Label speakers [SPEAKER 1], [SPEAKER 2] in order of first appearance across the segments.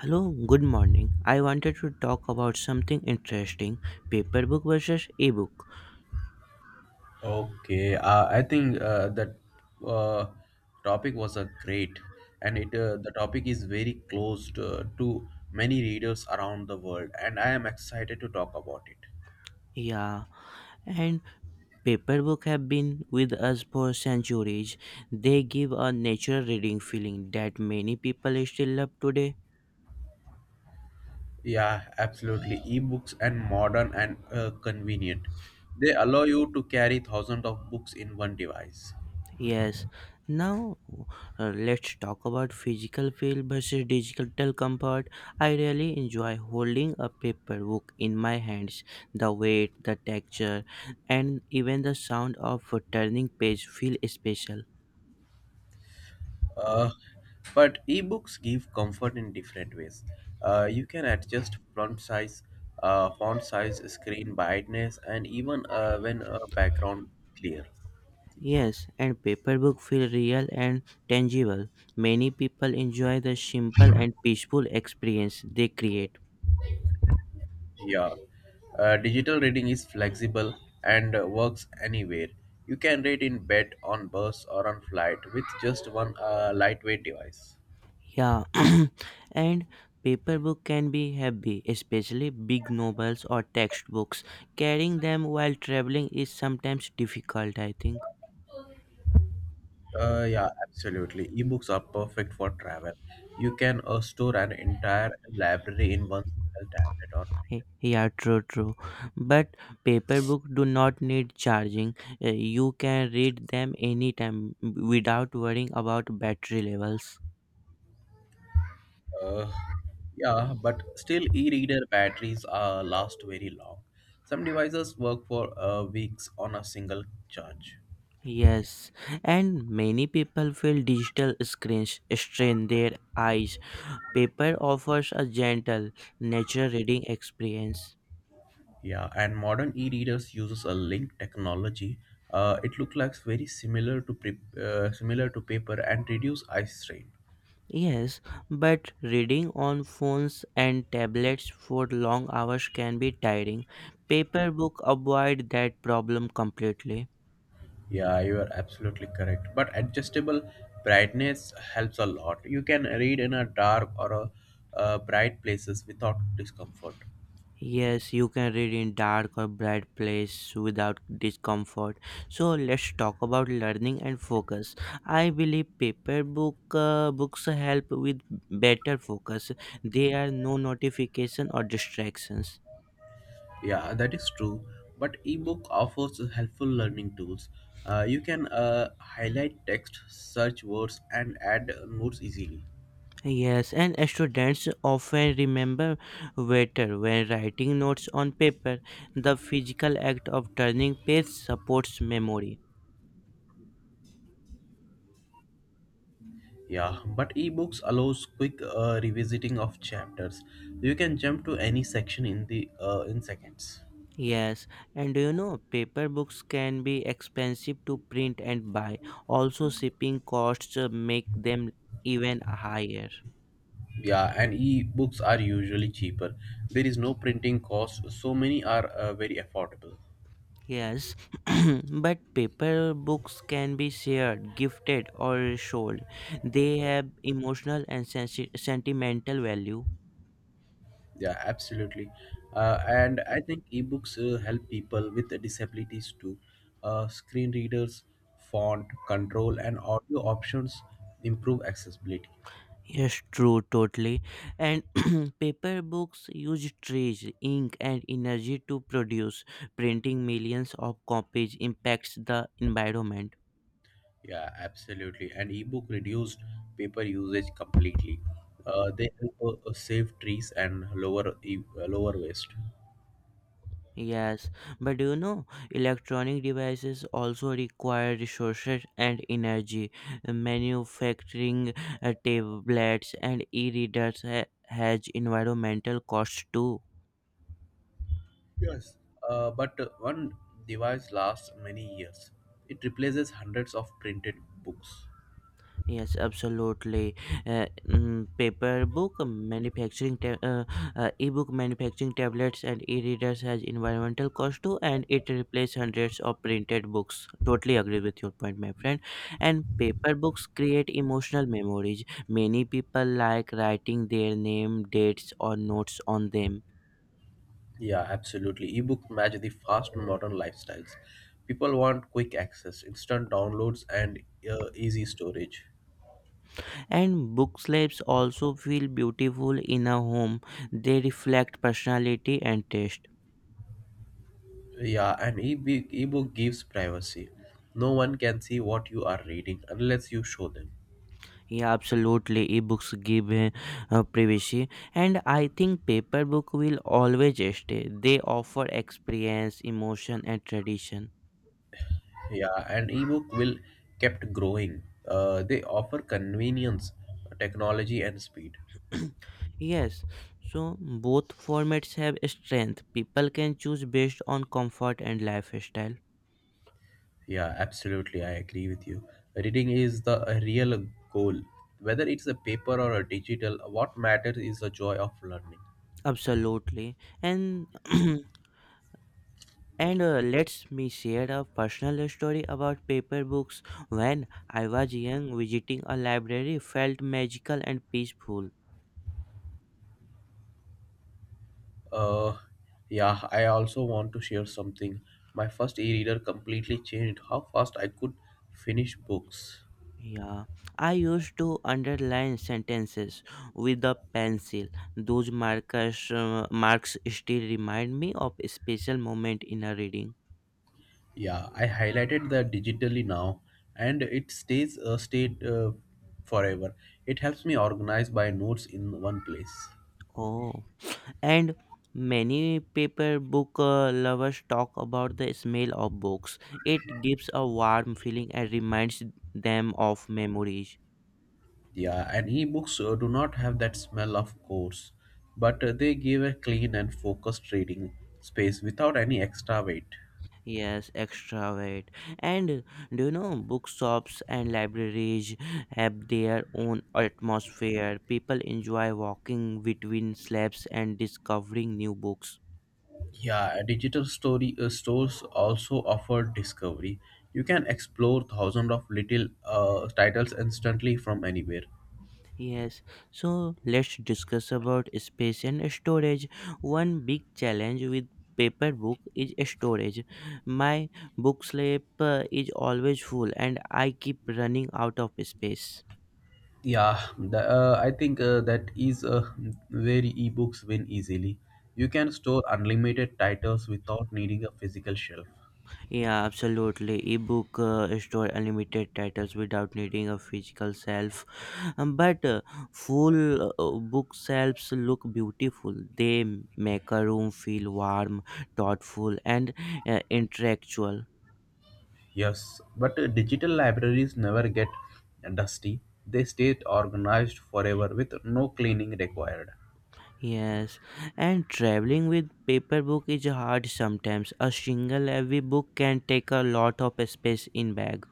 [SPEAKER 1] Hello, good morning. I wanted to talk about something interesting paper book versus ebook.
[SPEAKER 2] Okay, I think that uh, topic was a great, and it the topic is very close to many readers around the world, and I am excited to talk about it.
[SPEAKER 1] Yeah, and paper book have been with us for centuries. They give a natural reading feeling that many people still love today.
[SPEAKER 2] Yeah, absolutely. Ebooks and modern and convenient. They allow you to carry thousands of books in one device.
[SPEAKER 1] Yes. Now let's talk about physical feel versus digital comfort. I really enjoy holding a paper book in my hands. The weight, the texture, and even the sound of a turning page feel special.
[SPEAKER 2] Uh, but ebooks give comfort in different ways. You can adjust font size, screen brightness, and even when background clear.
[SPEAKER 1] Yes, and paper book feel real and tangible. Many people enjoy the simple and peaceful experience they create.
[SPEAKER 2] Yeah, digital reading is flexible and works anywhere. You can read in bed, on bus, or on flight with just one lightweight device.
[SPEAKER 1] Yeah, and paper book can be heavy, especially big novels or textbooks. Carrying them while traveling is sometimes difficult, I think.
[SPEAKER 2] Yeah, absolutely. Ebooks are perfect for travel. You can store an entire library in one single tablet or.
[SPEAKER 1] Hey, yeah, true, true. But paper book do not need charging. You can read them anytime without worrying about battery levels.
[SPEAKER 2] Uh, yeah, but still, e-reader batteries last very long. Some devices work for weeks on a single charge.
[SPEAKER 1] Yes, and many people feel digital screens strain their eyes. Paper offers a gentle, natural reading experience.
[SPEAKER 2] Yeah, and modern e-readers uses a link technology. It looks like very similar to similar to paper and reduce eye strain.
[SPEAKER 1] Yes, but reading on phones and tablets for long hours can be tiring. Paper book avoid that problem completely.
[SPEAKER 2] Yeah, you are absolutely correct. But adjustable brightness helps a lot. You can read in a dark or a bright places without discomfort.
[SPEAKER 1] Yes, you can read in dark or bright place without discomfort. So let's talk about learning and focus. I believe paper book books help with better focus. There are no notification or distractions.
[SPEAKER 2] Yeah, that is true. But ebook offers helpful learning tools. You can highlight text, search words, and add notes easily.
[SPEAKER 1] Yes, and students often remember better when writing notes on paper. The physical act of turning page supports memory.
[SPEAKER 2] Yeah, but ebooks allows quick revisiting of chapters. You can jump to any section in seconds.
[SPEAKER 1] Yes, and do you know paper books can be expensive to print and buy. Also, shipping costs make them even higher.
[SPEAKER 2] Yeah, and ebooks are usually cheaper. There is no printing cost, so many are very affordable.
[SPEAKER 1] Yes, but paper books can be shared, gifted, or sold. They have emotional and sentimental value.
[SPEAKER 2] Yeah, absolutely. And I think ebooks help people with disabilities too. Screen readers, font control, and audio options improve accessibility.
[SPEAKER 1] Yes, true, totally. And paper books use trees, ink, and energy to produce. Printing millions of copies impacts the environment.
[SPEAKER 2] Yeah, absolutely. And ebook reduced paper usage completely. They help save trees and lower lower waste.
[SPEAKER 1] Yes, but do you know, electronic devices also require resources and energy. Manufacturing tablets and e readers has environmental costs too.
[SPEAKER 2] Yes. But one device lasts many years. It replaces hundreds of printed books.
[SPEAKER 1] Yes, absolutely. Mm, paper book manufacturing, ta- ebook manufacturing tablets and e-readers has environmental cost too, and it replaces hundreds of printed books. Totally agree with your point, my friend. And paper books create emotional memories. Many people like writing their name, dates, or notes on them.
[SPEAKER 2] Yeah, absolutely. Ebooks match the fast modern lifestyles. People want quick access, instant downloads, and easy storage.
[SPEAKER 1] And book slabs also feel beautiful in a home. They reflect personality and taste.
[SPEAKER 2] Yeah, and ebook gives privacy. No one can see what you are reading unless you show them.
[SPEAKER 1] Yeah, absolutely. Ebooks give privacy, and I think paper book will always stay. They offer experience, emotion, and tradition.
[SPEAKER 2] Yeah, and ebook will kept growing. They offer convenience, technology, and speed.
[SPEAKER 1] Yes, so both formats have strength. People can choose based on comfort and lifestyle.
[SPEAKER 2] Yeah, absolutely. I agree with you. Reading is the real goal. Whether it's a paper or a digital, what matters is the joy of learning.
[SPEAKER 1] Absolutely, and and let's me share a personal story about paper books. When I was young, visiting a library felt magical and peaceful.
[SPEAKER 2] Uh, yeah, I also want to share something. My first e-reader completely changed how fast I could finish books.
[SPEAKER 1] Yeah, I used to underline sentences with a pencil. Those markers marks still remind me of a special moment in a reading.
[SPEAKER 2] Yeah, I highlighted that digitally now, and it stays stayed forever. It helps me organize my notes in one place.
[SPEAKER 1] Oh, and many paper book lovers talk about the smell of books. It gives a warm feeling and reminds them of memories.
[SPEAKER 2] Yeah, and ebooks do not have that smell of course, but they give a clean and focused reading space without any extra weight.
[SPEAKER 1] Yes, extra weight. And do you know bookshops and libraries have their own atmosphere? People enjoy walking between slabs and discovering new books.
[SPEAKER 2] Yeah, digital story stores also offer discovery. You can explore thousands of little titles instantly from anywhere.
[SPEAKER 1] Yes, so let's discuss about space and storage. One big challenge with paper book is storage. My book slab is always full and I keep running out of space.
[SPEAKER 2] Yeah, I think that is where ebooks win easily. You can store unlimited titles without needing a physical shelf.
[SPEAKER 1] Yeah, absolutely. Ebook store unlimited titles without needing a physical shelf. But full bookshelves look beautiful. They make a room feel warm, thoughtful, and intellectual.
[SPEAKER 2] Yes, but digital libraries never get dusty. They stay organized forever with no cleaning required.
[SPEAKER 1] Yes, and traveling with paper book is hard sometimes. A single heavy book can take a lot of space in bag.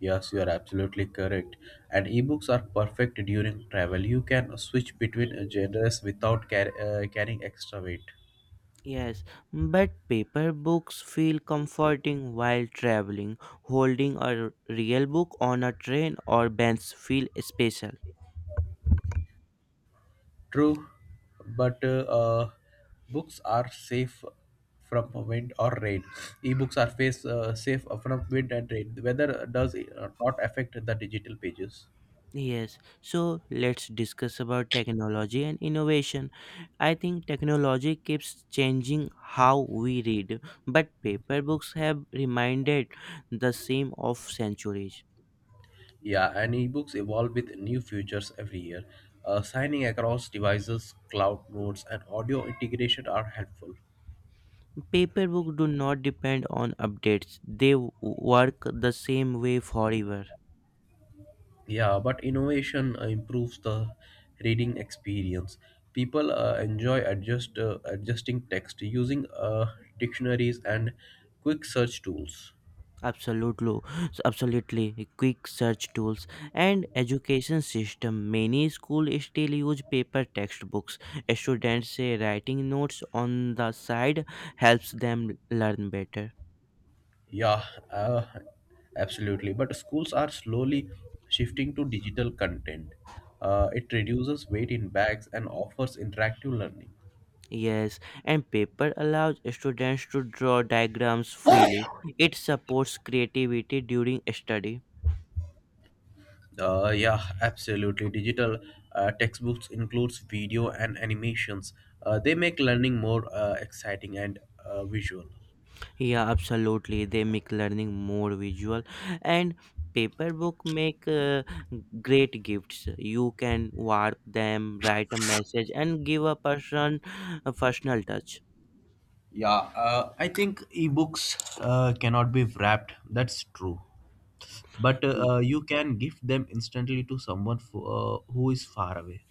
[SPEAKER 2] Yes, you are absolutely correct. And ebooks are perfect during travel. You can switch between genres without carrying extra weight.
[SPEAKER 1] Yes, but paper books feel comforting while traveling. Holding a real book on a train or bench feel special.
[SPEAKER 2] True, but books are safe from wind or rain. Ebooks are safe from wind and rain. The weather does not affect the digital pages.
[SPEAKER 1] Yes, so let's discuss about technology and innovation. I think technology keeps changing how we read, but paper books have reminded the same of centuries.
[SPEAKER 2] Yeah, and ebooks evolve with new features every year. Signing across devices, cloud notes, and audio integration are helpful.
[SPEAKER 1] Paper books do not depend on updates. They work the same way forever.
[SPEAKER 2] Yeah, but innovation improves the reading experience. People enjoy adjusting text using dictionaries and quick search tools.
[SPEAKER 1] Absolutely, so, absolutely. Quick search tools and education system. Many schools still use paper textbooks. Students say writing notes on the side helps them learn better.
[SPEAKER 2] Yeah, uh, absolutely. But schools are slowly shifting to digital content. It reduces weight in bags and offers interactive learning.
[SPEAKER 1] Yes, and paper allows students to draw diagrams freely. It supports creativity during study.
[SPEAKER 2] Yeah, absolutely. Digital textbooks includes video and animations. They make learning more exciting and visual.
[SPEAKER 1] Yeah, absolutely. They make learning more visual, and paper book make great gifts. You can warp them, write a message, and give a person a personal touch.
[SPEAKER 2] Yeah, I think ebooks cannot be wrapped. That's true. But
[SPEAKER 1] Y-
[SPEAKER 2] you can gift them instantly to someone who is far away.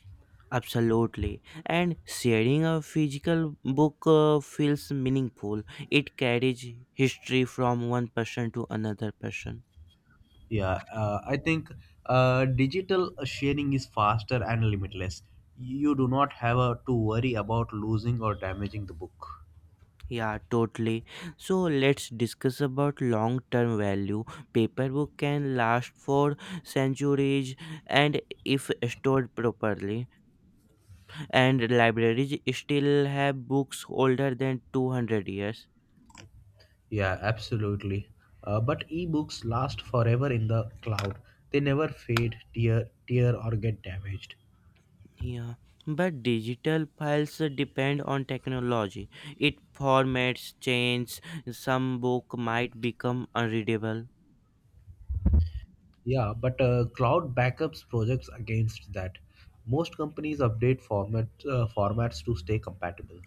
[SPEAKER 1] Absolutely, and sharing a physical book feels meaningful. It carries history from one person to another person.
[SPEAKER 2] Yeah, I think digital sharing is faster and limitless. You do not have to worry about losing or damaging the book.
[SPEAKER 1] Yeah, totally. So let's discuss about long-term value. Paperwork can last for centuries and if stored properly. And libraries still have books older than 200 years.
[SPEAKER 2] Yeah, absolutely. But ebooks last forever in the cloud. They never fade, tear, or get damaged.
[SPEAKER 1] Yeah, but digital files depend on technology. It formats change, some book might become unreadable.
[SPEAKER 2] Yeah, but cloud backups projects against that. Most companies update formats to stay compatible.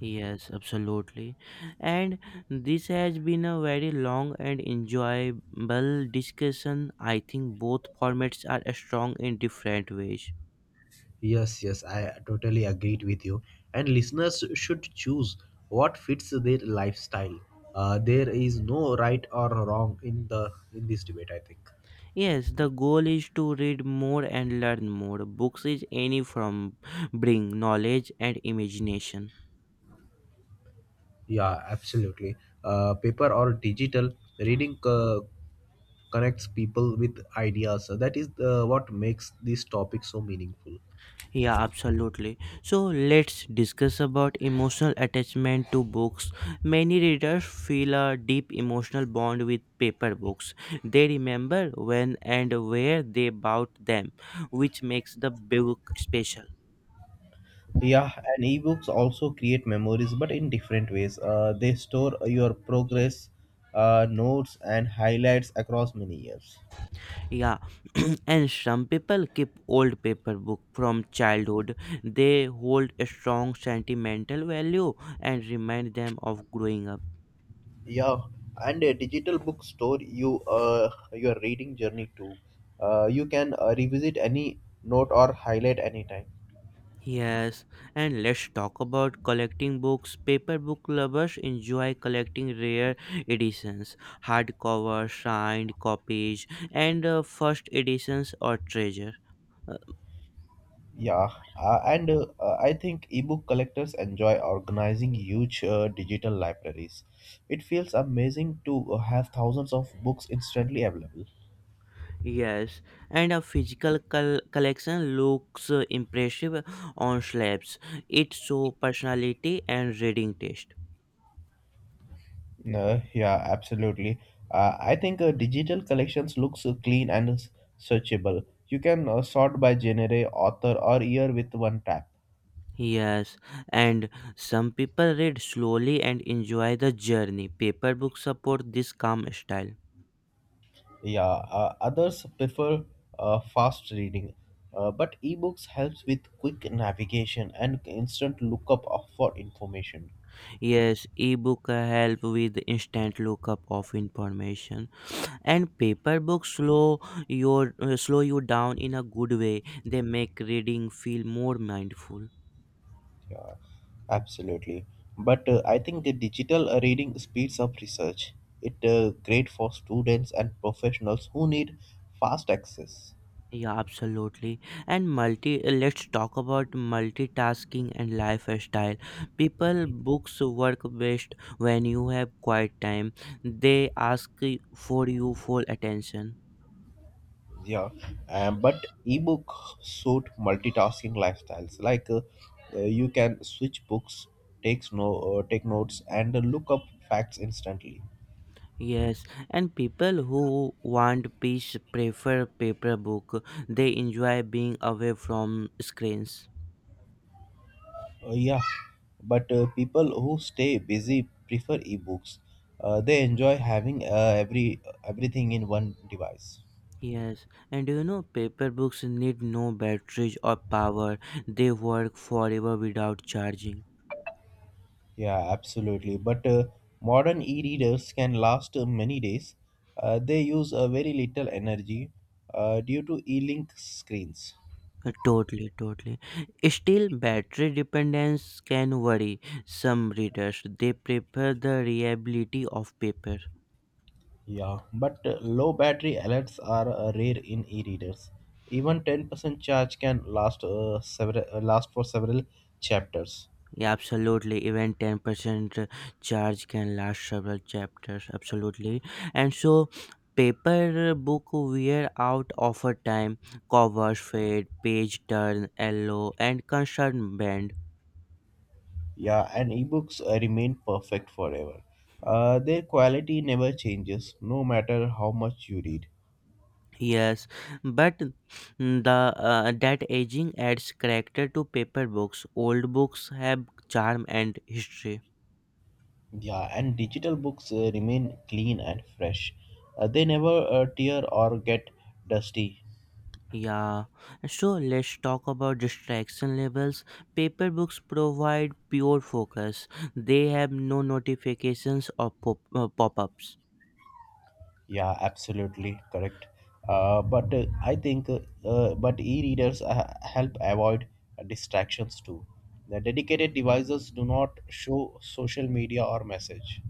[SPEAKER 1] Yes, absolutely. And this has been a very long and enjoyable discussion. I think both formats are strong in different ways.
[SPEAKER 2] Yes, yes, I totally agreed with you. And listeners should choose what fits their lifestyle. There is no right or wrong in this debate. I think.
[SPEAKER 1] Yes, the goal is to read more and learn more. Books is any from bring knowledge and imagination.
[SPEAKER 2] Yeah, absolutely. Paper or digital reading connects people with ideas. So that is what makes this topic so meaningful.
[SPEAKER 1] Yeah, absolutely. So let's discuss about emotional attachment to books. Many readers feel a deep emotional bond with paper books. They remember when and where they bought them, which makes the book special.
[SPEAKER 2] Yeah, and ebooks also create memories, but in different ways. They store your progress, notes, and highlights across many years.
[SPEAKER 1] Yeah, and some people keep old paper book from childhood. They hold a strong sentimental value and remind them of growing up.
[SPEAKER 2] Yeah, and a digital book store your reading journey too. You can revisit any note or highlight anytime.
[SPEAKER 1] Yes, and let's talk about collecting books. Paper book lovers enjoy collecting rare editions, hardcover, signed copies, and first editions or treasure. Uh,
[SPEAKER 2] Yeah, and I think ebook collectors enjoy organizing huge digital libraries. It feels amazing to have thousands of books instantly available.
[SPEAKER 1] yes, and a physical collection looks impressive on slabs. It shows personality and reading taste.
[SPEAKER 2] Yeah, absolutely. I think digital collections looks clean and searchable. You can sort by genre, author, or year with one tap.
[SPEAKER 1] Yes, and some people read slowly and enjoy the journey. Paper books support this calm style.
[SPEAKER 2] Yeah, others prefer fast reading, but ebooks helps with quick navigation and instant lookup for information.
[SPEAKER 1] Yes, ebook help with instant lookup of information and paper books slow you down in a good way. They make reading feel more mindful.
[SPEAKER 2] Yeah, absolutely. But I think the digital reading speeds up research. It great for students and professionals who need fast access.
[SPEAKER 1] Yeah, absolutely. And multi let's talk about multitasking and lifestyle. People books work best when you have quiet time. They ask for you full attention.
[SPEAKER 2] Yeah, but ebook suit multitasking lifestyles. Like you can switch books, takes no take notes, and look up facts instantly.
[SPEAKER 1] Yes, and people who want peace prefer paper book. They enjoy being away from screens.
[SPEAKER 2] Yeah, but people who stay busy prefer ebooks. They enjoy having everything in one device.
[SPEAKER 1] Yes, and do you know paper books need no batteries or power. They work forever without charging.
[SPEAKER 2] Yeah, absolutely. But modern e-readers can last many days. They use very little energy due to e-link screens.
[SPEAKER 1] Totally, totally. Still, battery dependence can worry some readers. They prefer the reliability of paper.
[SPEAKER 2] Yeah, but low battery alerts are rare in e-readers. Even 10% charge can last for several chapters.
[SPEAKER 1] Yeah, absolutely. Even 10% charge can last several chapters. Absolutely. And so, paper book wear out over time. Covers fade, page turn yellow, and concern bend.
[SPEAKER 2] Yeah, and ebooks remain perfect forever. Their quality never changes, no matter how much you read.
[SPEAKER 1] Yes, but the that aging adds character to paper books. Old books have charm and history.
[SPEAKER 2] Yeah, and digital books remain clean and fresh. They never tear or get dusty.
[SPEAKER 1] Yeah, so let's talk about distraction levels. Paper books provide pure focus, they have no notifications or pop-ups.
[SPEAKER 2] Yeah, absolutely correct. But I think, but e-readers help avoid distractions too. The dedicated devices do not show social media or message.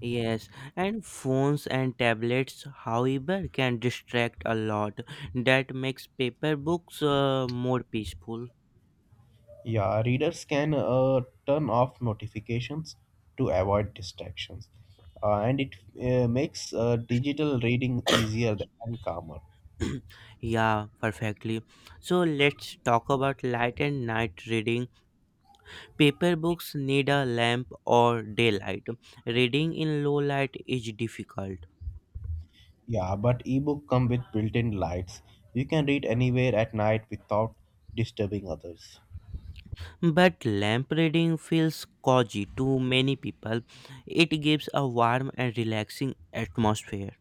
[SPEAKER 1] Yes, and phones and tablets, however, can distract a lot. That makes paper books more peaceful.
[SPEAKER 2] Yeah, readers can turn off notifications to avoid distractions, and it makes digital reading easier and calmer.
[SPEAKER 1] Yeah, perfectly. So let's talk about light and night reading. Paper books need a lamp or daylight. Reading in low light is difficult,
[SPEAKER 2] Yeah, but ebook come with built-in lights. You can read anywhere at night without disturbing others.
[SPEAKER 1] but lamp reading feels cozy to many people. It gives a warm and relaxing atmosphere.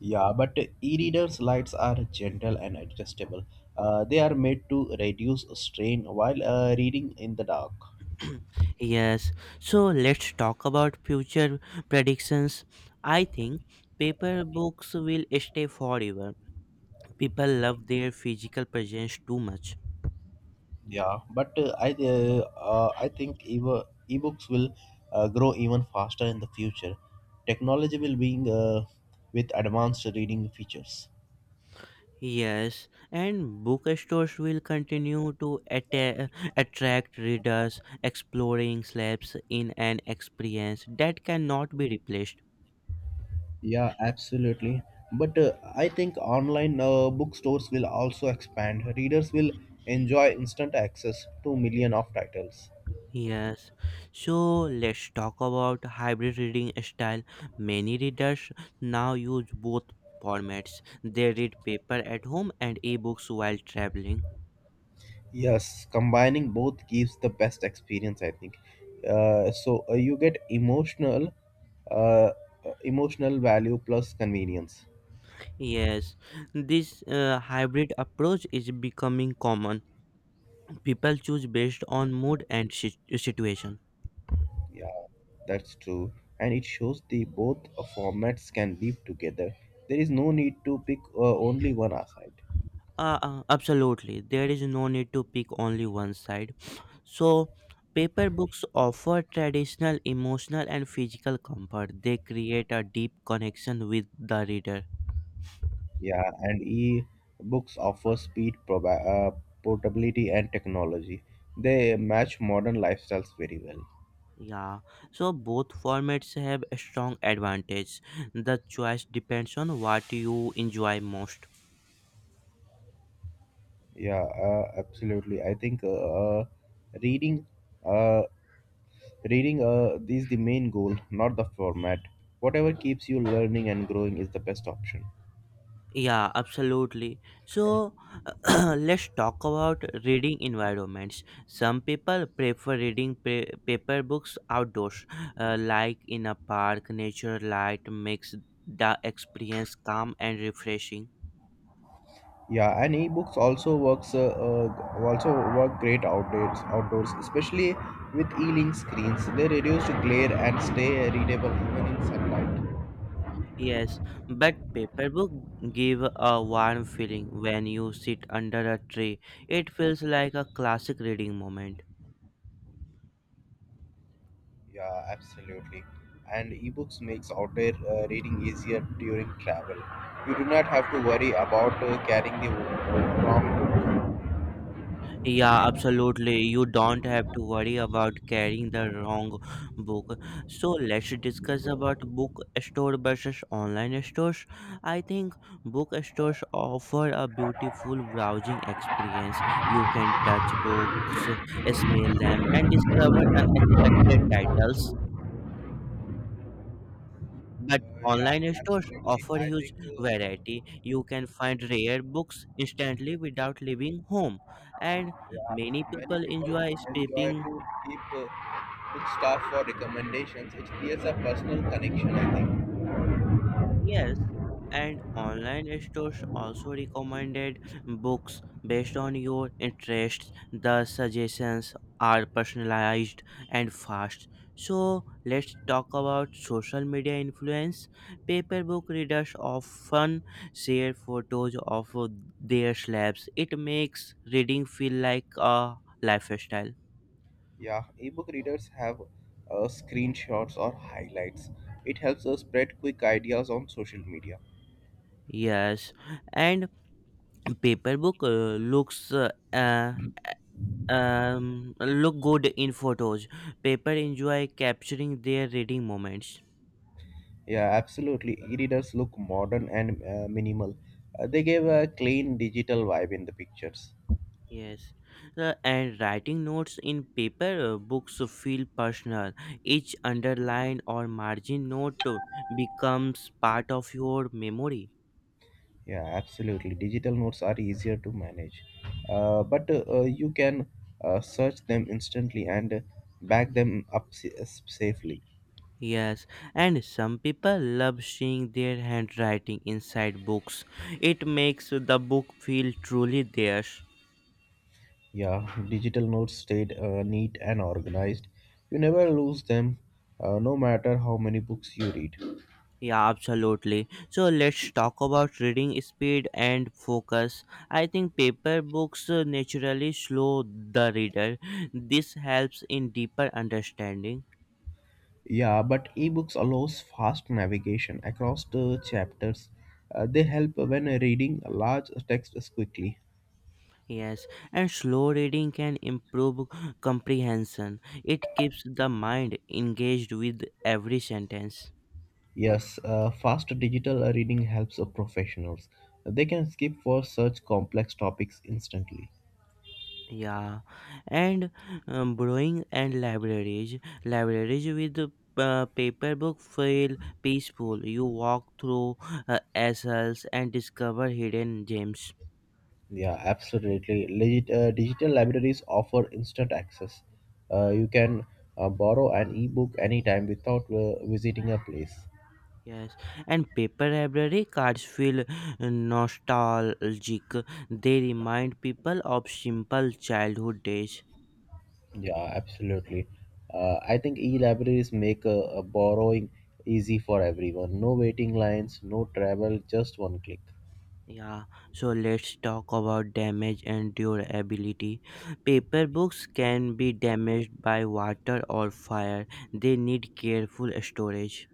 [SPEAKER 2] Yeah, but e-readers lights are gentle and adjustable. They are made to reduce strain while reading in the dark.
[SPEAKER 1] Yes, so let's talk about future predictions. I think paper books will stay forever. People love their physical presence too much.
[SPEAKER 2] Yeah, but I think ebooks will grow even faster in the future. Technology will be with advanced reading features.
[SPEAKER 1] Yes, and bookstores will continue to attract readers exploring slabs in an experience that cannot be replaced.
[SPEAKER 2] Yeah, absolutely. But I think online bookstores will also expand. Readers will enjoy instant access to million of titles.
[SPEAKER 1] Yes, so let's talk about hybrid reading style. Many readers now use both formats. They read paper at home and ebooks while traveling.
[SPEAKER 2] Yes, combining both gives the best experience, I think. So you get uh, uh, emotional value plus convenience.
[SPEAKER 1] Yes, this hybrid approach is becoming common. People choose based on mood and situation.
[SPEAKER 2] Yeah, that's true. And it shows the both formats can live together. There is no need to pick only one aside.
[SPEAKER 1] Absolutely. There is no need to pick only one side. So, paper books offer traditional emotional and physical comfort. They create a deep connection with the reader.
[SPEAKER 2] Yeah, and e-books offer speed, portability, and technology. They match modern lifestyles very well.
[SPEAKER 1] Yeah. So, both formats have a strong advantage. The choice depends on what you enjoy most.
[SPEAKER 2] Yeah, absolutely. I think reading, uh, reading is the main goal, not the format. Whatever keeps you learning and growing is the best option.
[SPEAKER 1] Yeah, absolutely. So let's talk about reading environments. Some people prefer reading paper books outdoors, like in a park. Nature light makes the experience calm and refreshing.
[SPEAKER 2] Yeah, and e-books also work great outdoors, especially with e-link screens. They reduce glare and stay readable even in sunlight.
[SPEAKER 1] Yes, but paper book give a warm feeling when you sit under a tree. It feels like a classic reading moment.
[SPEAKER 2] Yeah, absolutely. And ebooks makes outdoor reading easier during travel. You do not have to worry about carrying the wrong book.
[SPEAKER 1] Yeah, absolutely. You don't have to worry about carrying the wrong book. So let's discuss about bookstore versus online stores. I think book stores offer a beautiful browsing experience. You can touch books, smell them, and discover unexpected titles. But
[SPEAKER 2] Yeah,
[SPEAKER 1] online stores
[SPEAKER 2] absolutely.
[SPEAKER 1] offer
[SPEAKER 2] I
[SPEAKER 1] huge
[SPEAKER 2] think,
[SPEAKER 1] variety. You can find rare books instantly without leaving home. And many
[SPEAKER 2] yeah, many
[SPEAKER 1] people
[SPEAKER 2] people
[SPEAKER 1] enjoy
[SPEAKER 2] enjoy
[SPEAKER 1] skipping.
[SPEAKER 2] to keep book stuff for recommendations. It creates a personal connection, I think.
[SPEAKER 1] Yes, and online stores also recommended books based on your interests. The suggestions are personalized and fast. So, let's talk about social media influence. Paper book readers often share photos of their slabs. It makes reading feel like a lifestyle.
[SPEAKER 2] Yeah, ebook readers have screenshots or highlights. It helps us spread quick ideas on social media.
[SPEAKER 1] Yes, and paper book uh, look good in photos. Paper enjoy capturing their reading moments.
[SPEAKER 2] Yeah, absolutely. E-readers look modern and minimal. They gave a clean digital vibe in the pictures.
[SPEAKER 1] Yes. And writing notes in paper books feel personal. Each underline or margin note becomes part of your memory.
[SPEAKER 2] Yeah, absolutely. Digital notes are easier to manage, but you can search them instantly and back them up safely.
[SPEAKER 1] Yes, and some people love seeing their handwriting inside books. It makes the book feel truly theirs.
[SPEAKER 2] Yeah, digital notes stayed neat and organized. You never lose them, no matter how many books you read.
[SPEAKER 1] Yeah, absolutely. So let's talk about reading speed and focus. I think paper books naturally slow the reader. This helps in deeper understanding.
[SPEAKER 2] Yeah, but ebooks allows fast navigation across the chapters. They help when reading large texts quickly.
[SPEAKER 1] Yes, and slow reading can improve comprehension. It keeps the mind engaged with every sentence.
[SPEAKER 2] Yes, fast digital reading helps professionals. They can skip for such complex topics instantly.
[SPEAKER 1] Yeah, and brewing and libraries. Libraries with paper book feel peaceful. You walk through aisles and discover hidden gems.
[SPEAKER 2] Yeah, absolutely. Digital libraries offer instant access. You can borrow an ebook anytime without visiting a place.
[SPEAKER 1] Yes, and paper library cards feel nostalgic. They remind people of simple childhood days.
[SPEAKER 2] Yeah, absolutely. I think e-libraries make borrowing easy for everyone. No waiting lines, no travel, just one click.
[SPEAKER 1] Yeah, so let's talk about damage and durability. Paper books can be damaged by water or fire. They need careful storage.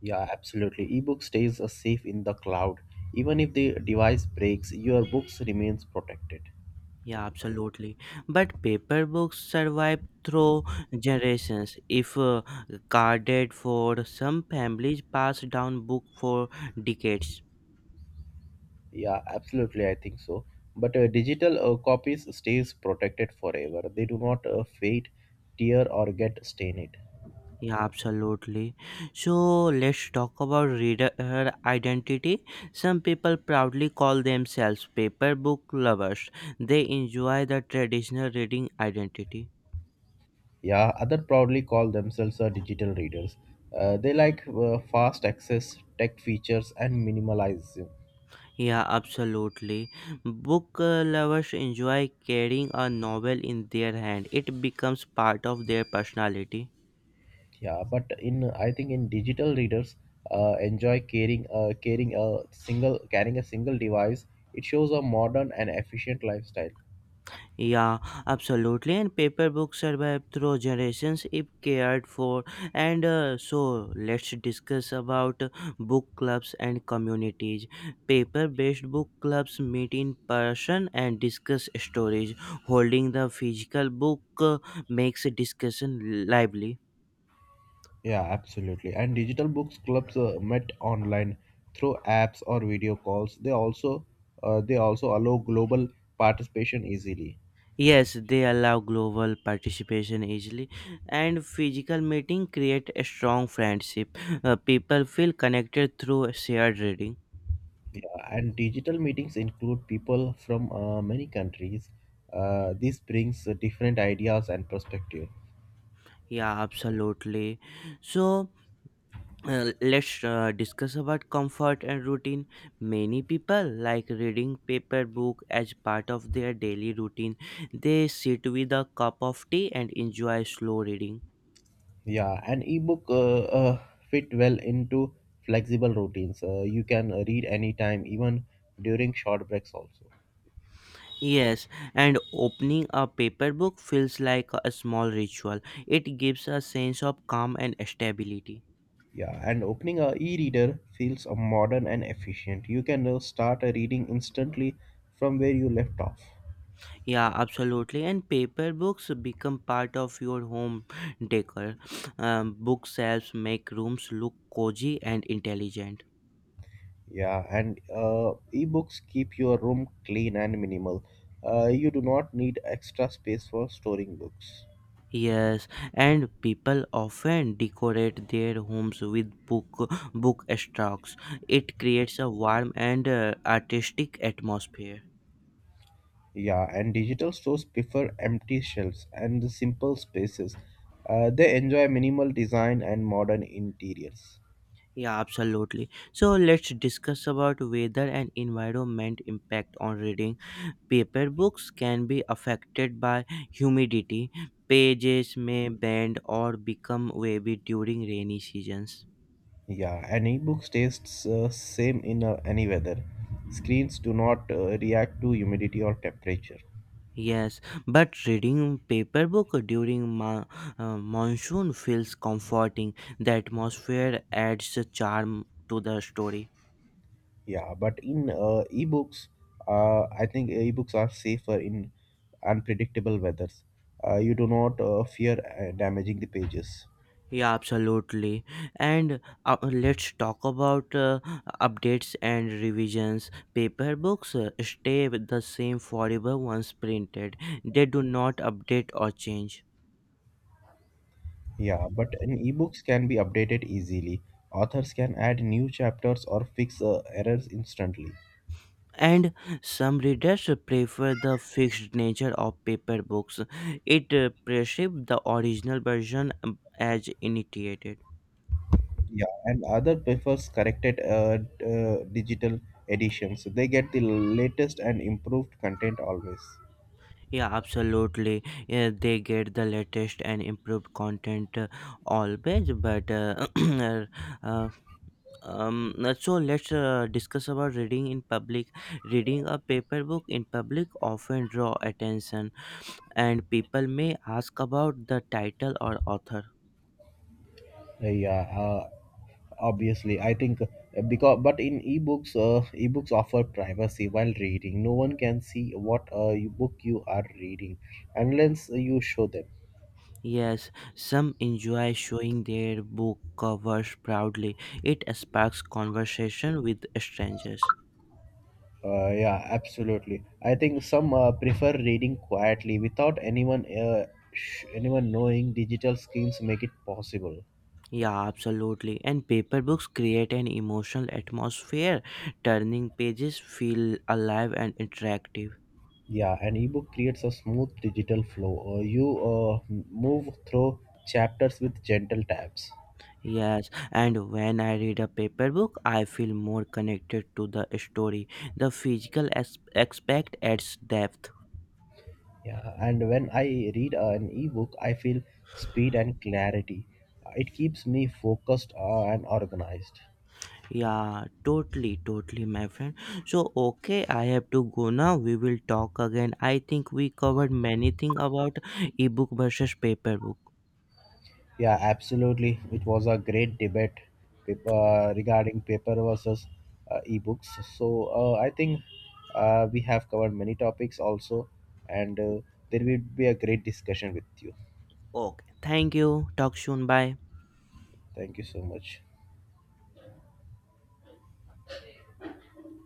[SPEAKER 2] Yeah, absolutely. Ebook stays safe in the cloud. Even if the device breaks, your books remains protected.
[SPEAKER 1] Yeah, absolutely. But paper books survive through generations. If guarded for some families pass down book for decades.
[SPEAKER 2] Yeah, absolutely. I think so. But digital copies stays protected forever. They do not fade, tear, or get stained.
[SPEAKER 1] Yeah, absolutely. So let's talk about reader identity. Some people proudly call themselves paper book lovers. They enjoy the traditional reading identity.
[SPEAKER 2] Yeah, others proudly call themselves digital readers. They like fast access, tech features, and minimalism.
[SPEAKER 1] Yeah, absolutely. Book lovers enjoy carrying a novel in their hand. It becomes part of their personality.
[SPEAKER 2] Yeah, but in I think in digital readers enjoy carrying a single device. It shows a modern and efficient lifestyle.
[SPEAKER 1] Yeah, absolutely. And paper books survive through generations if cared for. And so, let's discuss about book clubs and communities. Paper based book clubs meet in person and discuss stories. Holding the physical book makes discussion lively.
[SPEAKER 2] Yeah, absolutely. And digital books clubs met online through apps or video calls. They also allow global participation easily.
[SPEAKER 1] Yes, they allow global participation easily, and physical meeting create a strong friendship. People feel connected through shared reading.
[SPEAKER 2] Yeah, and digital meetings include people from many countries. This brings different ideas and perspective.
[SPEAKER 1] Yeah, absolutely. So let's discuss about comfort and routine. Many people like reading paper book as part of their daily routine. They sit with a cup of tea and enjoy slow reading.
[SPEAKER 2] Yeah, an ebook fit well into flexible routines. You can read anytime, even during short breaks also.
[SPEAKER 1] Yes, and opening a paper book feels like a small ritual. It gives a sense of calm and stability.
[SPEAKER 2] Yeah, and opening a e-reader feels modern and efficient. You can start reading instantly from where you left off.
[SPEAKER 1] Yeah, absolutely. And paper books become part of your home decor. Bookshelves make rooms look cozy and intelligent.
[SPEAKER 2] Yeah, and ebooks keep your room clean and minimal. You do not need extra space for storing books.
[SPEAKER 1] Yes, and people often decorate their homes with book stocks. It creates a warm and artistic atmosphere.
[SPEAKER 2] Yeah, and digital stores prefer empty shelves and simple spaces. They enjoy minimal design and modern interiors.
[SPEAKER 1] Yeah, absolutely. So let's discuss about weather and environment impact on reading. Paper books can be affected by humidity. Pages may bend or become wavy during rainy seasons.
[SPEAKER 2] Yeah, and ebook tastes same in any weather. Screens do not react to humidity or temperature.
[SPEAKER 1] Yes, but reading paper book during monsoon feels comforting. The atmosphere adds a charm to the story.
[SPEAKER 2] Yeah, I think ebooks are safer in unpredictable weathers. You do not fear damaging the pages.
[SPEAKER 1] Yeah, absolutely. And let's talk about updates and revisions. Paper books stay with the same forever once printed, they do not update or change.
[SPEAKER 2] Yeah, but in ebooks can be updated easily. Authors can add new chapters or fix errors instantly.
[SPEAKER 1] And some readers prefer the fixed nature of paper books, it preserves the original version as initiated.
[SPEAKER 2] Yeah, and other prefers corrected digital editions. They get the latest and improved content always.
[SPEAKER 1] Yeah, absolutely. Yeah, they get the latest and improved content always, but uh, so let's discuss about reading in public. Reading a paper book in public often draw attention, and people may ask about the title or author.
[SPEAKER 2] Yeah, obviously I think because but in ebooks ebooks offer privacy while reading. No one can see what book you are reading unless you show them.
[SPEAKER 1] Yes, some enjoy showing their book covers proudly. It sparks conversation with strangers.
[SPEAKER 2] Yeah, absolutely. I think some prefer reading quietly without anyone knowing. Digital screens make it possible.
[SPEAKER 1] Yeah, absolutely, and paper books create an emotional atmosphere. Turning pages feel alive and interactive.
[SPEAKER 2] Yeah, an ebook creates a smooth digital flow. You move through chapters with gentle taps.
[SPEAKER 1] Yes, and when I read a paper book, I feel more connected to the story. The physical aspect adds depth.
[SPEAKER 2] Yeah, and when I read an ebook, I feel speed and clarity. It keeps me focused and organized.
[SPEAKER 1] Yeah, totally, totally, my friend. So, okay, I have to go now. We will talk again. I think we covered many things about ebook versus paper book.
[SPEAKER 2] Yeah, absolutely. It was a great debate regarding paper versus ebooks. So I think we have covered many topics also, and there will be a great discussion with you.
[SPEAKER 1] Okay, thank you. Talk soon. Bye.
[SPEAKER 2] Thank you so much.